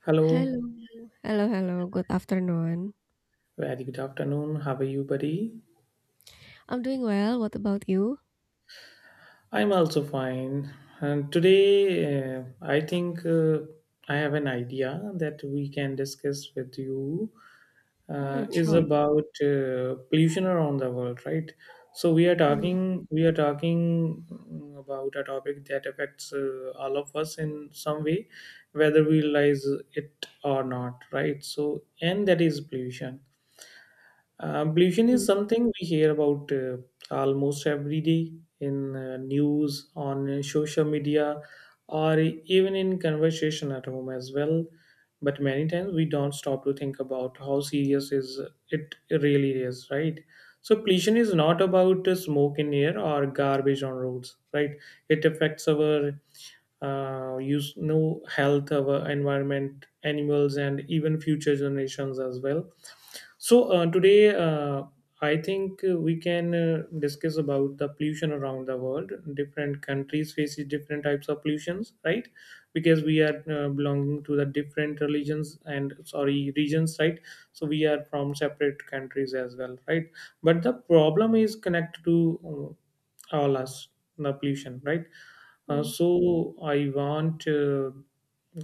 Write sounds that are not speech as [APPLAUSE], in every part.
Hello, Hello. Hello, hello. Good afternoon. very good afternoon. How are you, buddy? I'm doing well. What about you? I'm also fine. And today, I think I have an idea that we can discuss with you, is Sure. about pollution around the world, right? So we are Hmm, talking, we are talking mm, about a topic that affects all of us in some way, whether we realize it or not, right? So, and that is pollution. Pollution is hmm, something we hear about almost every day in news, on social media, or even in conversation at home as well. But many times we don't stop to think about how serious is it really is, right? So pollution is not about smoke in air or garbage on roads, right? It affects our use, no health, our environment, animals, and even future generations as well. So today, I think we can discuss about the pollution around the world. Different countries faces different types of pollutions, right? Because we are belonging to the different religions and sorry regions, right? So we are from separate countries as well, right? But the problem is connected to all us, the pollution, right? Uh, hmm. so I want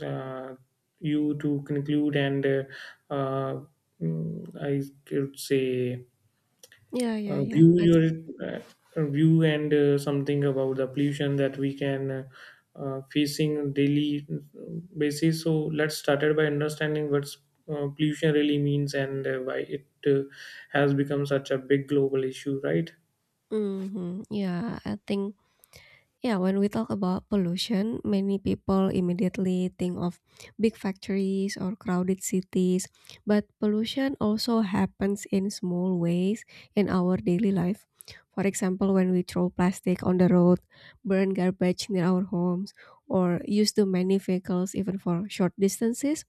uh, you to conclude and uh, I could say Yeah, yeah, yeah. view Let's. your view and something about the pollution that we can facing on daily basis. So let's started by understanding what's pollution really means and why it has become such a big global issue, right? Mm-hmm. Yeah, I think Yeah, when we talk about pollution, many people immediately think of big factories or crowded cities. But pollution also happens in small ways in our daily life. For example, when we throw plastic on the road, burn garbage near our homes, or use too many vehicles even for short distances,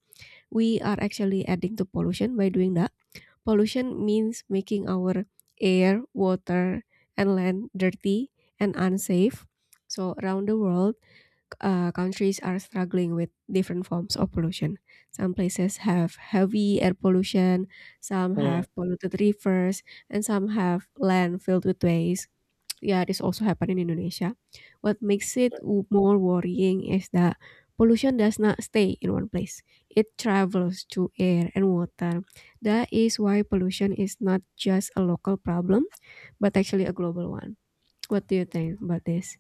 we are actually adding to pollution by doing that. Pollution means making our air, water, and land dirty and unsafe. So, around the world, countries are struggling with different forms of pollution. Some places have heavy air pollution, some Uh, have polluted rivers, and some have land filled with waste, yeah, this also happened in Indonesia. What makes it more worrying is that pollution does not stay in one place. It travels to air and water. That is why pollution is not just a local problem, but actually a global one. What do you think about this?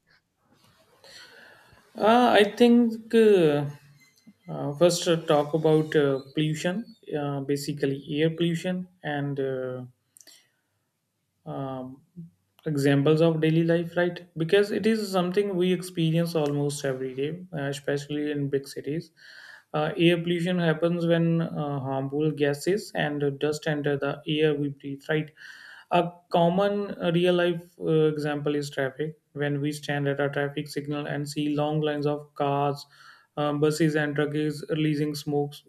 I think first talk about pollution, basically air pollution and um, examples of daily life, right? Because it is something we experience almost every day, especially in big cities. Air pollution happens when harmful gases and dust enter the air we breathe, right? A common real life example is traffic. When we stand at a traffic signal and see long lines of cars, buses, and trucks releasing smokes,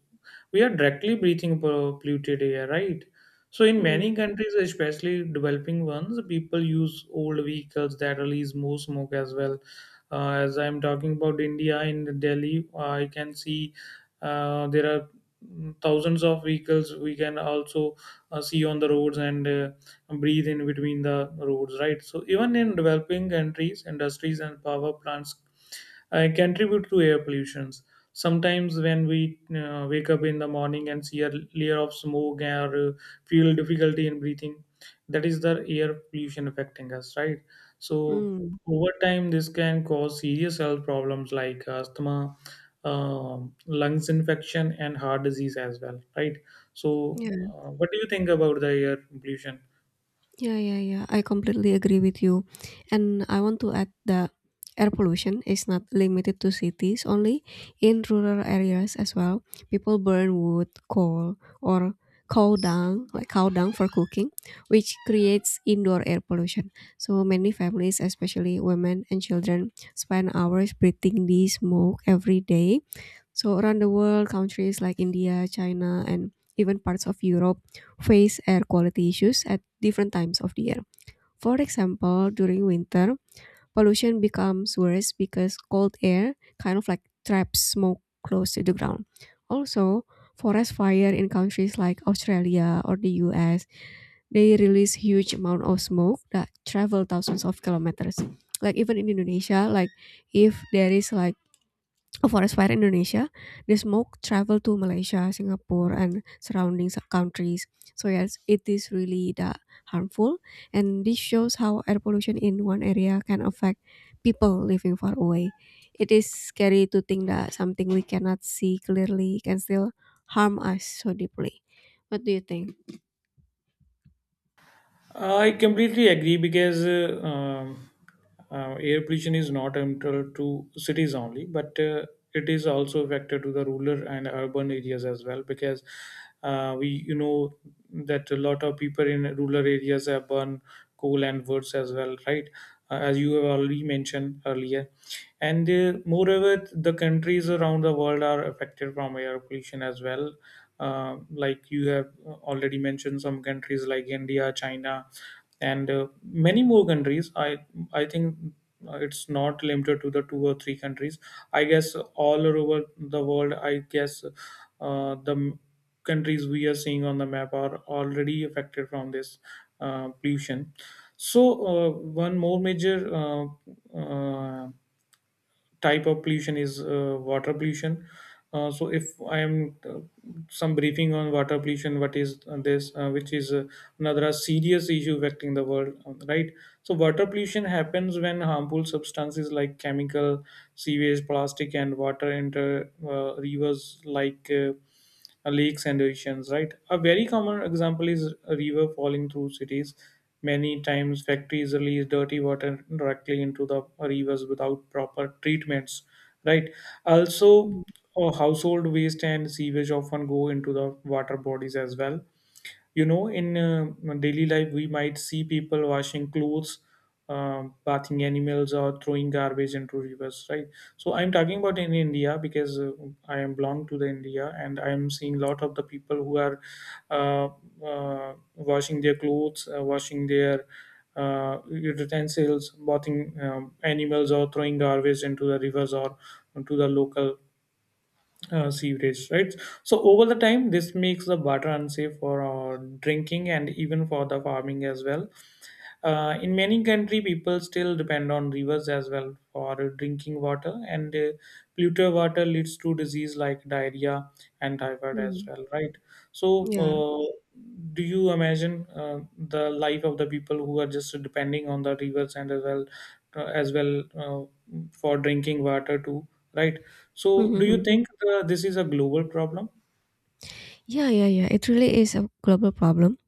we are directly breathing polluted air, right? So in Mm, many countries, especially developing ones, people use old vehicles that release more smoke as well. As I'm talking about India in Delhi, I can see there are thousands of vehicles we can also see on the roads and breathe in between the roads, right? So even in developing countries, industries and power plants contribute to air pollutions. Sometimes when we wake up in the morning and see a layer of smoke or feel difficulty in breathing, that is the air pollution affecting us, right? So mm. over time, this can cause serious health problems like asthma, lungs infection, and heart disease as well, right? So, Yeah, what do you think about the air pollution? yeah, I completely agree with you. And I want to add that air pollution is not limited to cities only. In rural areas as well, people burn wood, coal, or cow dung, like cow dung for cooking, which creates indoor air pollution. So many families, especially women and children, spend hours breathing the smoke every day. So around the world, countries like India, China, and even parts of Europe face air quality issues at different times of the year. For example, during winter, pollution becomes worse because cold air kind of like traps smoke close to the ground. Also, forest fire in countries like Australia or the US, they release huge amount of smoke that travel thousands of kilometers. Like even in Indonesia, like if there is like a forest fire in Indonesia, the smoke traveled to Malaysia, Singapore, and surrounding countries. So yes, it is really the harmful, and this shows how air pollution in one area can affect people living far away. It is scary to think that something we cannot see clearly can still harm us so deeply. What do you think? I completely agree because air pollution is not limited to cities only, but it is also a factor to the rural and urban areas as well. Because we, you know, that a lot of people in rural areas have burn coal and woods as well, right? As you have already mentioned earlier, and moreover, the countries around the world are affected from air pollution as well, like you have already mentioned some countries like India, China, and many more countries. I think it's not limited to the two or three countries. I guess all over the world, I guess countries we are seeing on the map are already affected from this pollution. So one more major uh, type of pollution is water pollution. So if I am some briefing on water pollution, what is this, which is another serious issue affecting the world, right? So water pollution happens when harmful substances like chemical, sewage, plastic, and water enter rivers like lakes and oceans. Right. A very common example is a river falling through cities. Many times, factories release dirty water directly into the rivers without proper treatments. Right. Also, Hmm. Household waste and sewage often go into the water bodies as well. You know, in daily life we might see people washing clothes, bathing animals or throwing garbage into rivers, right? So I'm talking about in India because I am belong to the India and I am seeing lot of the people who are uh, washing their clothes, washing their utensils, bathing animals or throwing garbage into the rivers or to the local sewerage, right? So over the time, this makes the water unsafe for drinking and even for the farming as well. In many country, people still depend on rivers as well for drinking water, and polluted water leads to disease like diarrhea and typhoid as Hmm. well, right? So, Yeah. Do you imagine the life of the people who are just depending on the rivers and as well uh, as well uh, for drinking water too, right? So, do you Mhm. think this is a global problem? Yeah. It really is a global problem,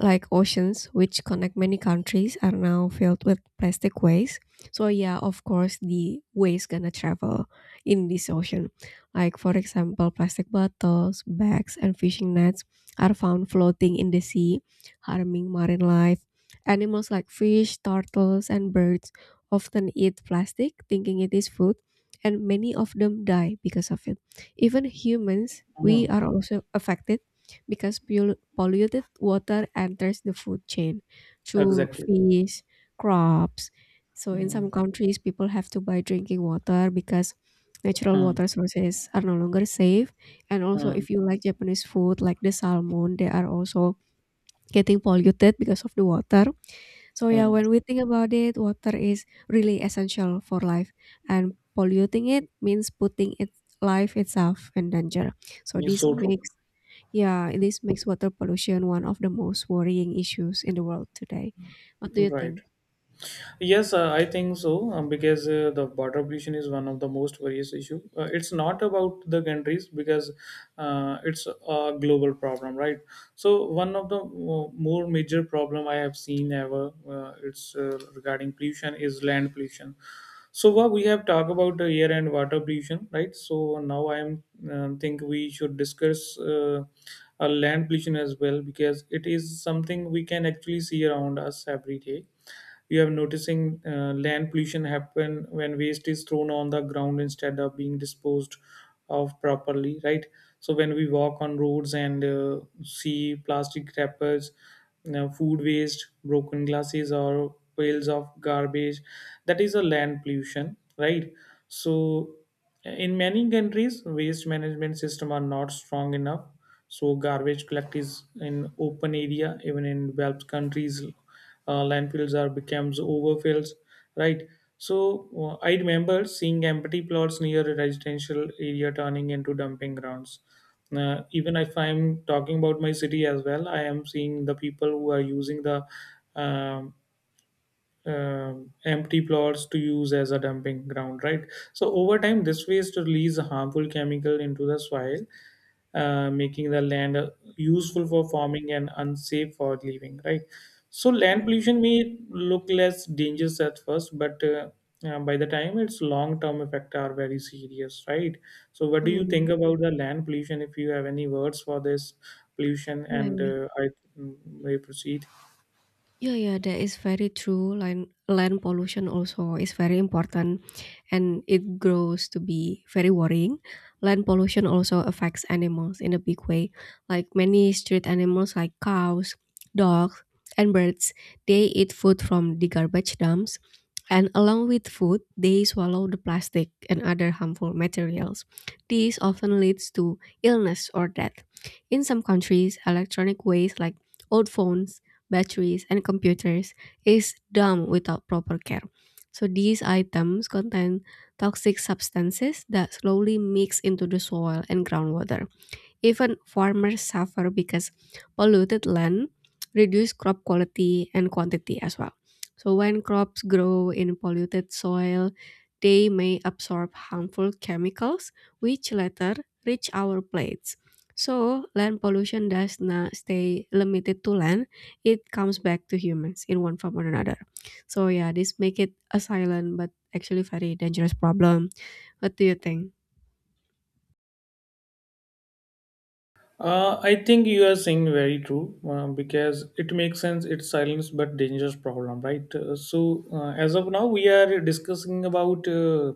like oceans which connect many countries are now filled with plastic waste. So yeah, of course the waste gonna travel in this ocean. Like for example, plastic bottles, bags, and fishing nets are found floating in the sea, harming marine life. Animals like fish, turtles, and birds often eat plastic thinking it is food, and many of them die because of it. Even humans, we Hmm, are also affected because polluted water enters the food chain through exactly. fish, crops. So in Hmm, some countries, people have to buy drinking water because natural hmm, water sources are no longer safe. And also, hmm, if you like Japanese food, like the salmon, they are also getting polluted because of the water. So yeah, hmm. when we think about it, water is really essential for life, and polluting it means putting its life itself in danger. So It's this so true. makes, yeah, this makes water pollution one of the most worrying issues in the world today. What do you Right. think? Yes, I think so, because the water pollution is one of the most various issue. It's not about the countries because it's a global problem, right? So one of the more major problem I have seen ever, it's regarding pollution is land pollution. So what we have talked about the air and water pollution, right? So now I am think we should discuss. Land pollution as well, because it is something we can actually see around us every day. You have noticing land pollution happen when waste is thrown on the ground instead of being disposed of properly, right? So when we walk on roads and see plastic wrappers, you know, food waste, broken glasses or piles of garbage, that is a land pollution, right? So in many countries waste management system are not strong enough, so garbage collect is in open area. Even in developed countries, landfills are becomes overfills, right? So I remember seeing empty plots near a residential area turning into dumping grounds. Even if I'm talking about my city as well, I am seeing the people who are using the um empty plots to use as a dumping ground, right? So over time, this waste release a harmful chemical into the soil, making the land useful for farming and unsafe for living, right? So land Mm, pollution may look less dangerous at first, but by the time its long-term effects are very serious, right? So what do you mm. think about the land pollution? If you have any words for this pollution, Yeah, and yeah, I mm, may proceed. yeah, that is very true. Land pollution also is very important and it grows to be very worrying. Land pollution also affects animals in a big way. Like many street animals like cows, dogs, and birds, they eat food from the garbage dumps. And along with food, they swallow the plastic and other harmful materials. This often leads to illness or death. In some countries, electronic waste like old phones, batteries, and computers is dumped without proper care. So these items contain toxic substances that slowly mix into the soil and groundwater. Even farmers suffer because polluted land reduce crop quality and quantity as well. So when crops grow in polluted soil, they may absorb harmful chemicals which later reach our plates. So land pollution does not stay limited to land, it comes back to humans in one form or another. So yeah, this make it a silent but actually very dangerous problem. What do you think? I think you are saying very true because it makes sense. It's silence but dangerous problem, right? So as of now, we are discussing about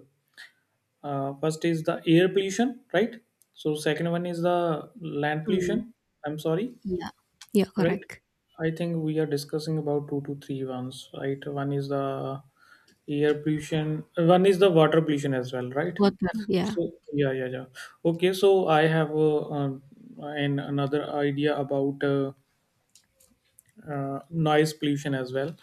first is the air pollution, right? So second one is the land Hmm. pollution. I'm sorry, Yeah. Yeah, right correct. I think we are discussing about two to three ones right one is the air pollution one is the water pollution as well right Water, yeah. so yeah yeah yeah okay so I have an another idea about noise pollution as well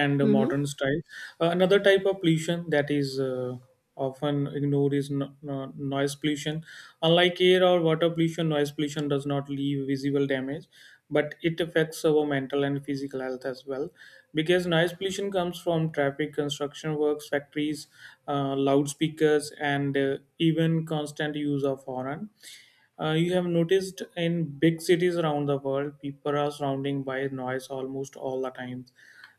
and Mhm, modern style another type of pollution that is often ignored is no, no- noise pollution unlike air or water pollution noise pollution does not leave visible damage but it affects our mental and physical health as well because noise pollution comes from traffic construction works factories loudspeakers and even constant use of horn you have noticed in big cities around the world, people are surrounded by noise almost all the time.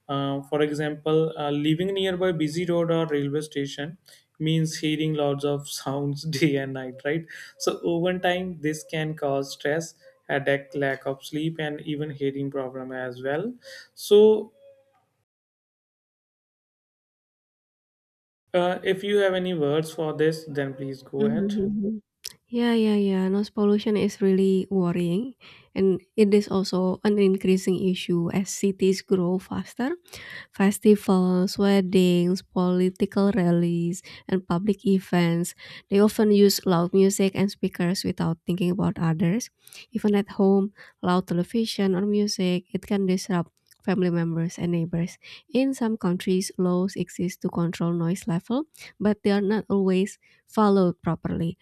For example, living nearby busy road or railway station means hearing lots of sounds [LAUGHS] day and night, right? So over time, this can cause stress, headache, lack of sleep, and even hearing problem as well. So if you have any words for this, then please go mhm ahead. mhm. Yeah, noise pollution is really worrying, and it is also an increasing issue as cities grow faster. Festivals, weddings, political rallies, and public events. They often use loud music and speakers without thinking about others. Even at home, loud television or music, it can disrupt family members and neighbors. In some countries, laws exist to control noise level, but they are not always followed properly.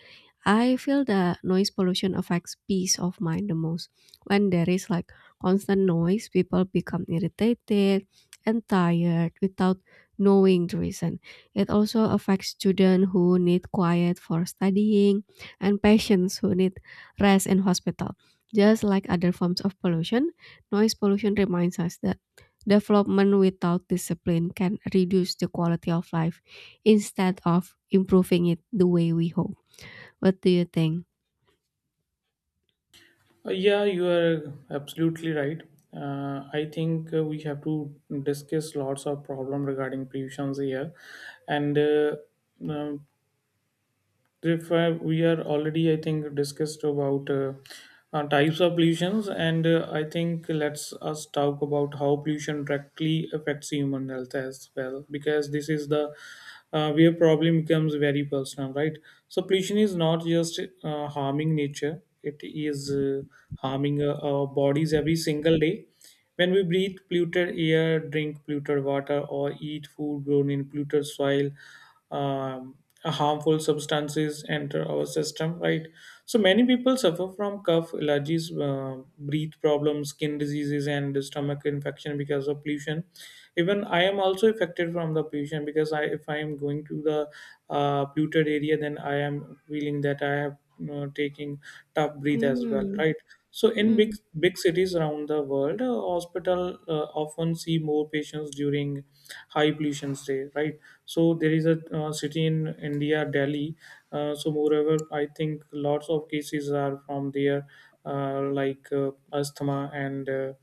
I feel the noise pollution affects peace of mind the most. When there is like constant noise, people become irritated and tired without knowing the reason. It also affects students who need quiet for studying and patients who need rest in hospital. Just like other forms of pollution, noise pollution reminds us that development without discipline can reduce the quality of life instead of improving it the way we hope. What do you think? Yeah, you are absolutely right. I think we have to discuss lots of problem regarding pollutions here, and um, if we are already I think discussed about types of pollutions. And I think let's us talk about how pollution directly affects human health as well, because this is the where problem becomes very personal, right? So pollution is not just harming nature, it is harming our bodies every single day. When we breathe polluted air, drink polluted water, or eat food grown in polluted soil, um, harmful substances enter our system, right? So many people suffer from cough, allergies, breath problems, skin diseases, and stomach infection because of pollution. Even I am also affected from the pollution because if I am going to the polluted area, then I am feeling that I have taking tough breath as well, Mm, right? So in big mm, big cities around the world, hospital often see more patients during high pollution day, right? So there is a city in India, Delhi. So moreover, I think lots of cases are from there, like asthma and.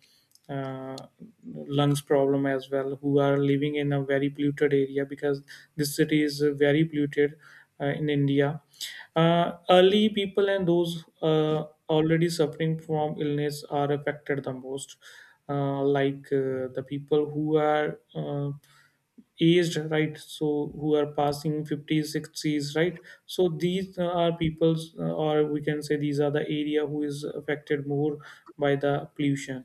uh, lungs problem as well who are living in a very polluted area because this city is very polluted in india early people and those already suffering from illness are affected the most, like the people who are aged, right? So who are passing 50s, 60s, right? So these are people's, or we can say these are the area who is affected more by the pollution.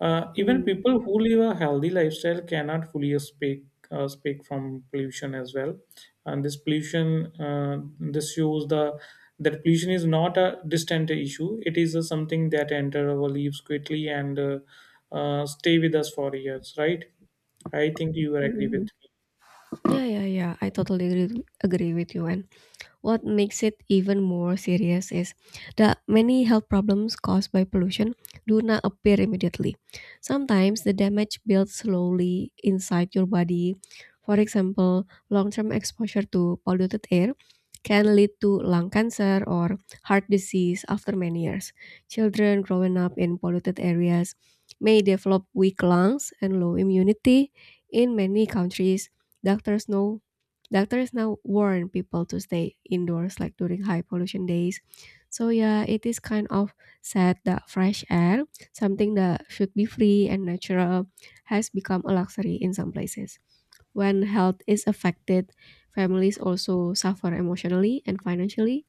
Even mm, people who live a healthy lifestyle cannot fully speak speak from pollution as well. And this pollution, this shows the that pollution is not a distant issue. It is something that enter our lives quickly and stay with us for years. Right? I think you will agree with mm. me. Yeah. I totally agree with you, and what makes it even more serious is that many health problems caused by pollution do not appear immediately. Sometimes the damage builds slowly inside your body. For example, long term exposure to polluted air can lead to lung cancer or heart disease after many years. Children growing up in polluted areas may develop weak lungs and low immunity. In many countries, doctors know Doctors now warn people to stay indoors like during high pollution days. So yeah, it is kind of sad that fresh air, something that should be free and natural, has become a luxury in some places. When health is affected, families also suffer emotionally and financially.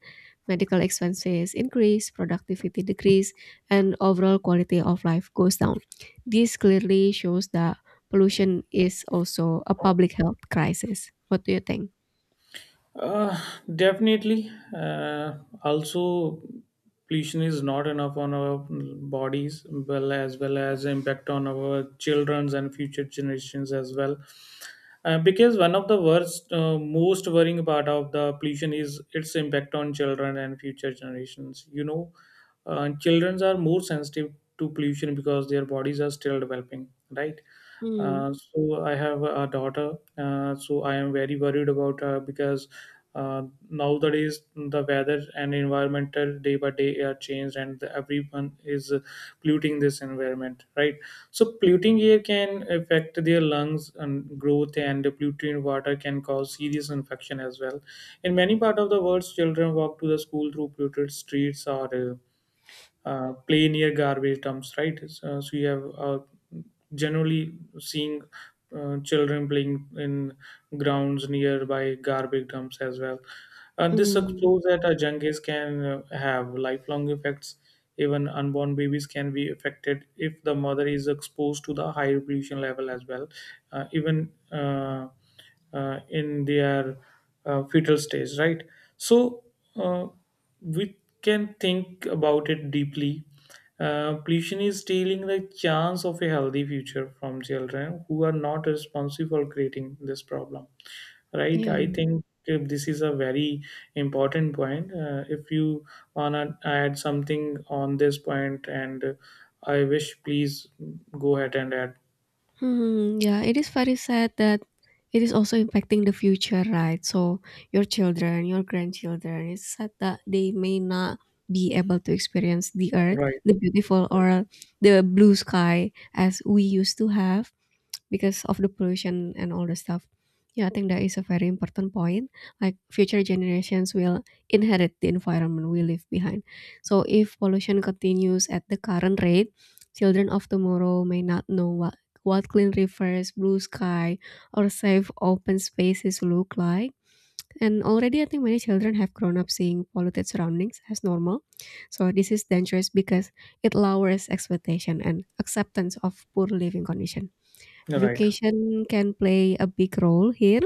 Medical expenses increase, productivity decrease, and overall quality of life goes down. This clearly shows that pollution is also a public health crisis. What do you think? Uh, definitely. Also, pollution is not enough on our bodies, well as impact on our childrens and future generations as well. Because one of the worst, most worrying part of the pollution is its impact on children and future generations. You know, children are more sensitive to pollution because their bodies are still developing, right? Mm, So I have a daughter. So I am very worried about her because uh, nowadays the weather and environmental day by day are changed, and the- everyone is polluting this environment, right? So polluting air can affect their lungs and growth, and the polluted water can cause serious infection as well. In many part of the world, children walk to the school through polluted streets or play near garbage dumps, right? So you have generally seeing children playing in grounds nearby garbage dumps as well. This mm, explores that junkies can have lifelong effects. Even unborn babies can be affected if the mother is exposed to the high pollution level as well, even in their fetal stage, right? So uh, we can think about it deeply. Pollution is stealing the chance of a healthy future from children who are not responsible for creating this problem right. yeah. I think if this is a very important point. If you wanna add something on this point and I wish please go ahead and add Yeah, it is very sad that it is also impacting the future, right? So your children, your grandchildren, it's sad that they may not be able to experience the earth, right, the beautiful or the blue sky as we used to have, because of the pollution and all the stuff. Yeah, I think that is a very important point. Like future generations will inherit the environment we leave behind. So if pollution continues at the current rate, children of tomorrow may not know what clean rivers, blue sky, or safe open spaces look like. And already, I think many children have grown up seeing polluted surroundings as normal. So this is dangerous because it lowers expectation and acceptance of poor living condition. right. Education can play a big role here.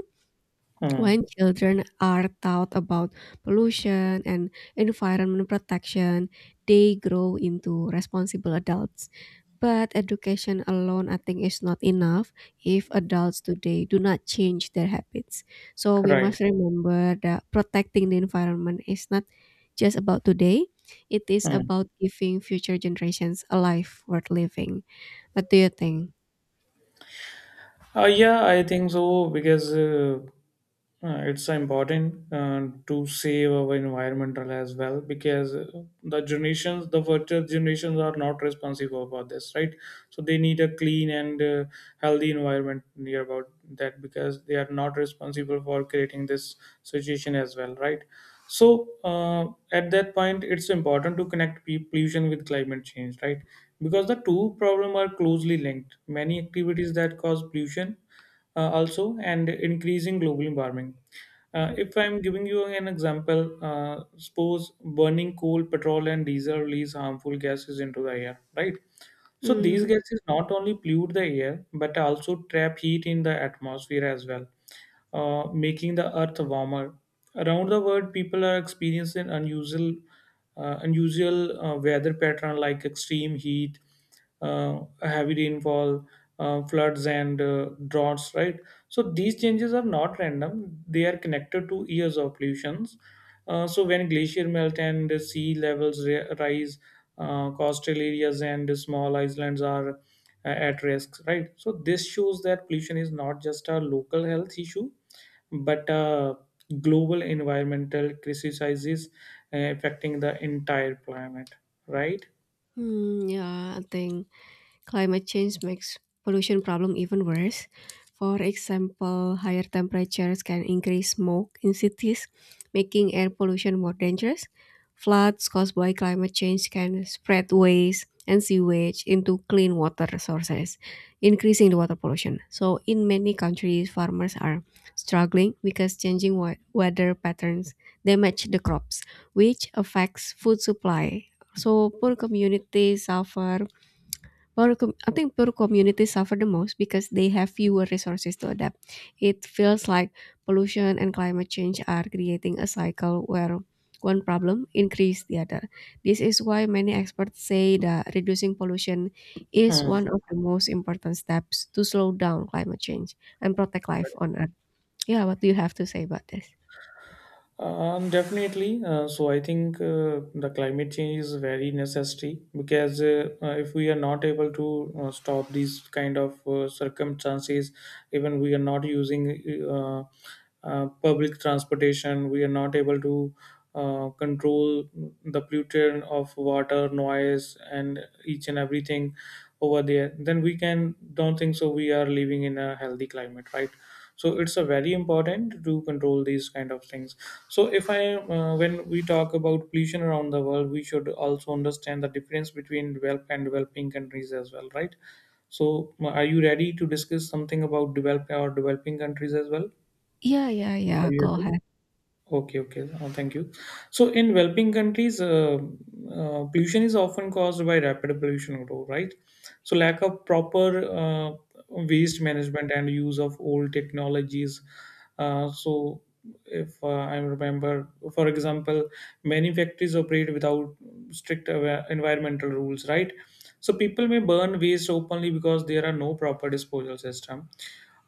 Mm. When children are taught about pollution and environment protection, they grow into responsible adults, but education alone I think is not enough if adults today do not change their habits. So we Right. must remember that protecting the environment is not just about today, it is Mm. about giving future generations a life worth living. What do you think? Yeah, I think so because it's so important to save our environmental as well because the generations, the future generations are not responsible for this, right? So they need a clean and healthy environment near about that because they are not responsible for creating this situation as well, right? So at that point it's important to connect pollution with climate change, right? Because the two problem are closely linked. Many activities that cause pollution also and increasing global warming. If I'm giving you an example, suppose burning coal petrol and diesel release harmful gases into the air, right? So these Mhm. gases not only pollute the air but also trap heat in the atmosphere as well, making the earth warmer. Around the world, people are experiencing unusual weather pattern like extreme heat, heavy rainfall, floods, and droughts. Right. So these changes are not random; they are connected to years of pollutions. So when glacier melt and the sea levels rise, coastal areas and small islands are at risk, right? So this shows that pollution is not just a local health issue but a global environmental crisis affecting the entire planet, right? Hmm, yeah, I think Climate change makes pollution problem even worse. For example, higher temperatures can increase smoke in cities, making air pollution more dangerous. Floods caused by climate change can spread waste and sewage into clean water sources, increasing the water pollution. So, in many countries, farmers are struggling because changing weather patterns damage the crops, which affects food supply. So, poor communities suffer I think poor communities suffer the most because they have fewer resources to adapt. It feels like pollution and climate change are creating a cycle where one problem increases the other. This is why many experts say that reducing pollution is Hmm. one of the most important steps to slow down climate change and protect life on Earth. Yeah, what do you have to say about this? Definitely. So I think the climate change is very necessary because if we are not able to stop these kind of circumstances, even we are not using uh, public transportation, we are not able to control the pollution of water, noise, and each and everything over there. Then we can don't think so. We are living in a healthy climate, right? So it's a very important to control these kind of things. So if I when we talk about pollution around the world we should also understand the difference between developed and developing countries as well, right? So are you ready to discuss something about developed or developing countries as well? Yeah, yeah, Are yeah. you Go ready? ahead. Okay, okay. Thank you. So, in developing countries, pollution is often caused by rapid pollution growth, right? So, lack of proper waste management and use of old technologies. So if I remember, for example, many factories operate without strict environmental rules, right? So, people may burn waste openly because there are no proper disposal system.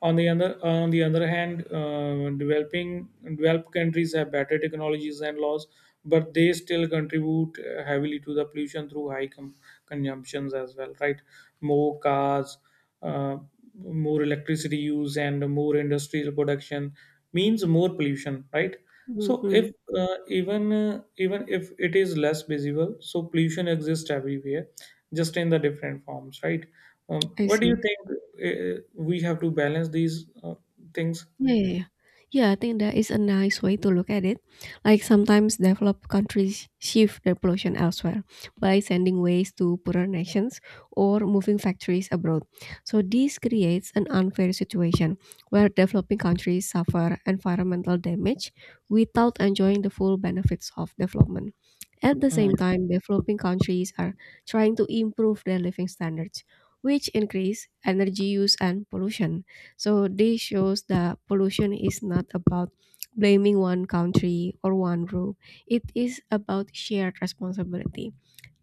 On the other hand, developing developed countries have better technologies and laws, but they still contribute heavily to the pollution through high consumptions as well, right? More cars, uh, more electricity use, and more industrial production means more pollution, right? So if Hmm. Even even if it is less visible, so pollution exists everywhere, just in the different forms, right? I What do you see. think we have to balance these things? Yeah, yeah, yeah. Yeah, I think That is a nice way to look at it. Like sometimes developed countries shift their pollution elsewhere by sending waste to poorer nations or moving factories abroad. So this creates an unfair situation where developing countries suffer environmental damage without enjoying the full benefits of development. At the Mm, same time, developing countries are trying to improve their living standards, which increase energy use and pollution. So this shows that pollution is not about blaming one country or one group. It is about shared responsibility.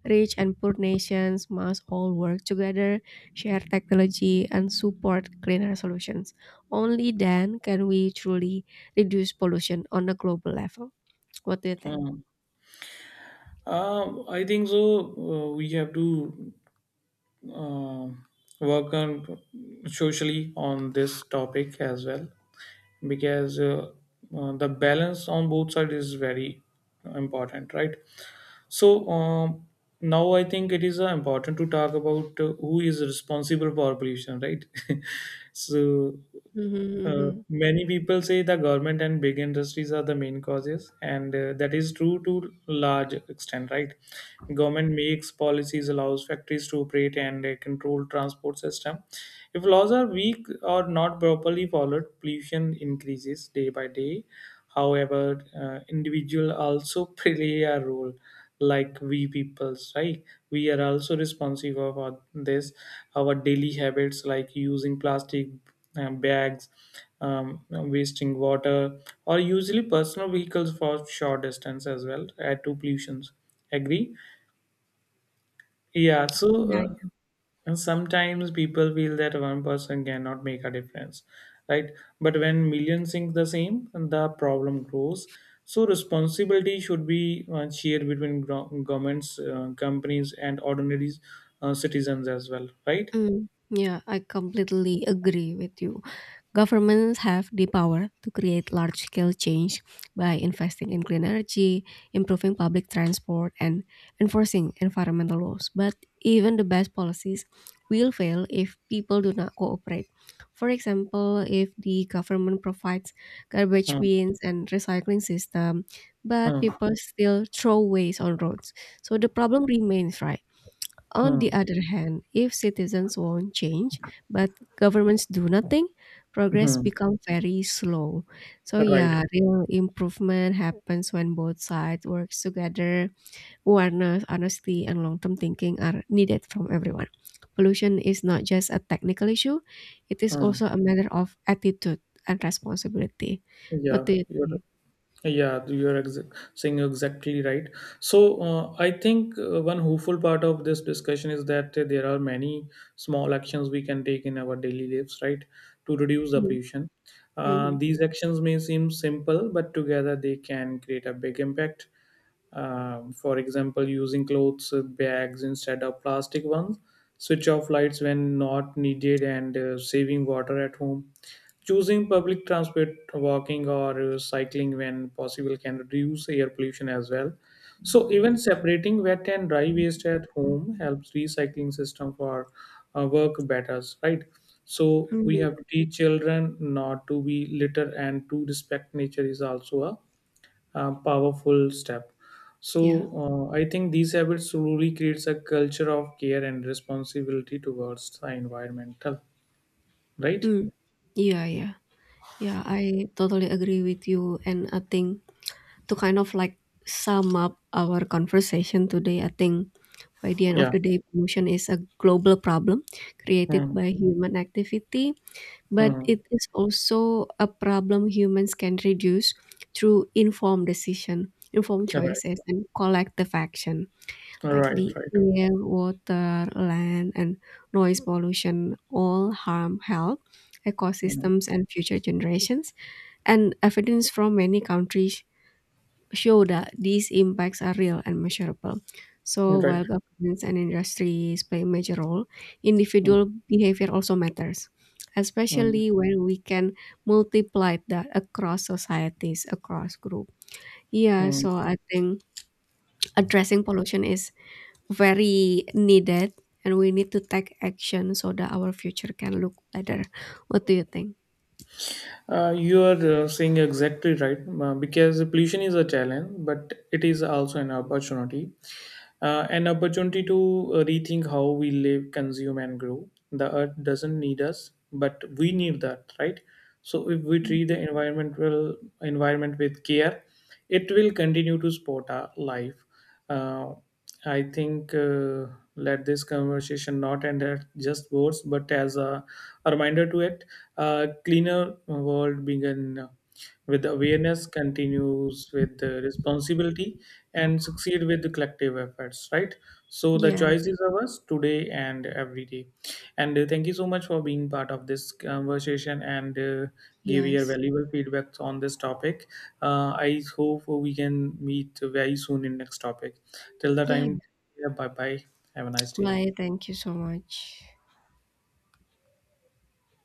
Rich and poor nations must all work together, share technology, and support cleaner solutions. Only then can we truly reduce pollution on a global level. What do you think? mm, I think so. We have to uh, work on socially on this topic as well because the balance on both sides is very important, right? So now I think it is important to talk about who is responsible for pollution, right? [LAUGHS] so Mhm, mhm. many people say the government and big industries are the main causes, and that is true to large extent, right? Government makes policies, allows factories to operate, and control transport system. If laws are weak or not properly followed, pollution increases day by day. However, individual also [LAUGHS] play a role, like we peoples, right? We are also responsive of our- this. Our daily habits, like using plastic bags, wasting water, or usually personal vehicles for short distance as well, add to pollutions. Agree? Yeah, so Yeah, uh, yeah. and sometimes people feel that one person cannot make a difference, right? But when millions think the same, the problem grows. So responsibility should be shared between governments, companies, and ordinary citizens as well, right? Yeah, I completely agree with you. Governments have the power to create large scale change by investing in clean energy, improving public transport, and enforcing environmental laws. But even the best policies will fail if people do not cooperate. For example, if the government provides garbage Hmm. bins and recycling system, but Hmm. people still throw waste on roads. So the problem remains, right? On the Hmm. other hand, if citizens want change but governments do nothing, progress Hmm. becomes very slow. So Right. yeah, real improvement happens when both sides works together. Awareness, honesty, and long-term thinking are needed from everyone. Pollution is not just a technical issue; it is Hmm. also a matter of attitude and responsibility. Yeah, What do you you're think? Yeah, you are saying exactly right. So, I think one hopeful part of this discussion is that there are many small actions we can take in our daily lives, right, to reduce the Mm-hmm. pollution. Mm-hmm. These actions may seem simple, but together they can create a big impact. For example, using clothes bags instead of plastic ones, switch off lights when not needed, and saving water at home. Choosing public transport, walking, or cycling when possible can reduce air pollution as well. So even separating wet and dry waste at home helps recycling system for work better, right? So we have to teach children not to be litter and to respect nature is also a powerful step. Yeah. So I think these habits truly creates a culture of care and responsibility towards the environmental, right? Mm. Yeah. yeah. Yeah, I totally agree with you. And I think To kind of like sum up our conversation today, I think by the end of Yeah. the day, pollution is a global problem created Hmm. by human activity, but Hmm. it is also a problem humans can reduce through informed decision, informed Right, choices, and collective action. right, Like the right, air, water, land, and noise pollution all harm health, Mhm. ecosystems, and future generations, and evidence from many countries show that these impacts are real and measurable. So right. while governments and industries play a major role, Mm, individual behavior also matters, mm, especially when we can multiply that across societies, across group. Yeah, mm. so I think addressing pollution is very needed and we need to take action so that our future can look better. What do you think? You are saying exactly right because pollution is a challenge, but it is also an opportunity. An opportunity to rethink how we live, consume, and grow. The earth doesn't need us, but we need that, right? So if we treat Mm. the environment with care, it will continue to support our life. Uh, I think let this conversation not end at just words, but as a reminder to it, a cleaner world begin with awareness, continues with the responsibility, and succeed with the collective efforts. Right. So the Yeah, choice is ours today and every day. And thank you so much for being part of this conversation and give your yes. valuable feedback on this topic. I hope we can meet very soon in next topic. Till the Yeah, time, yeah, bye bye. Have a nice day. bye. Thank you so much.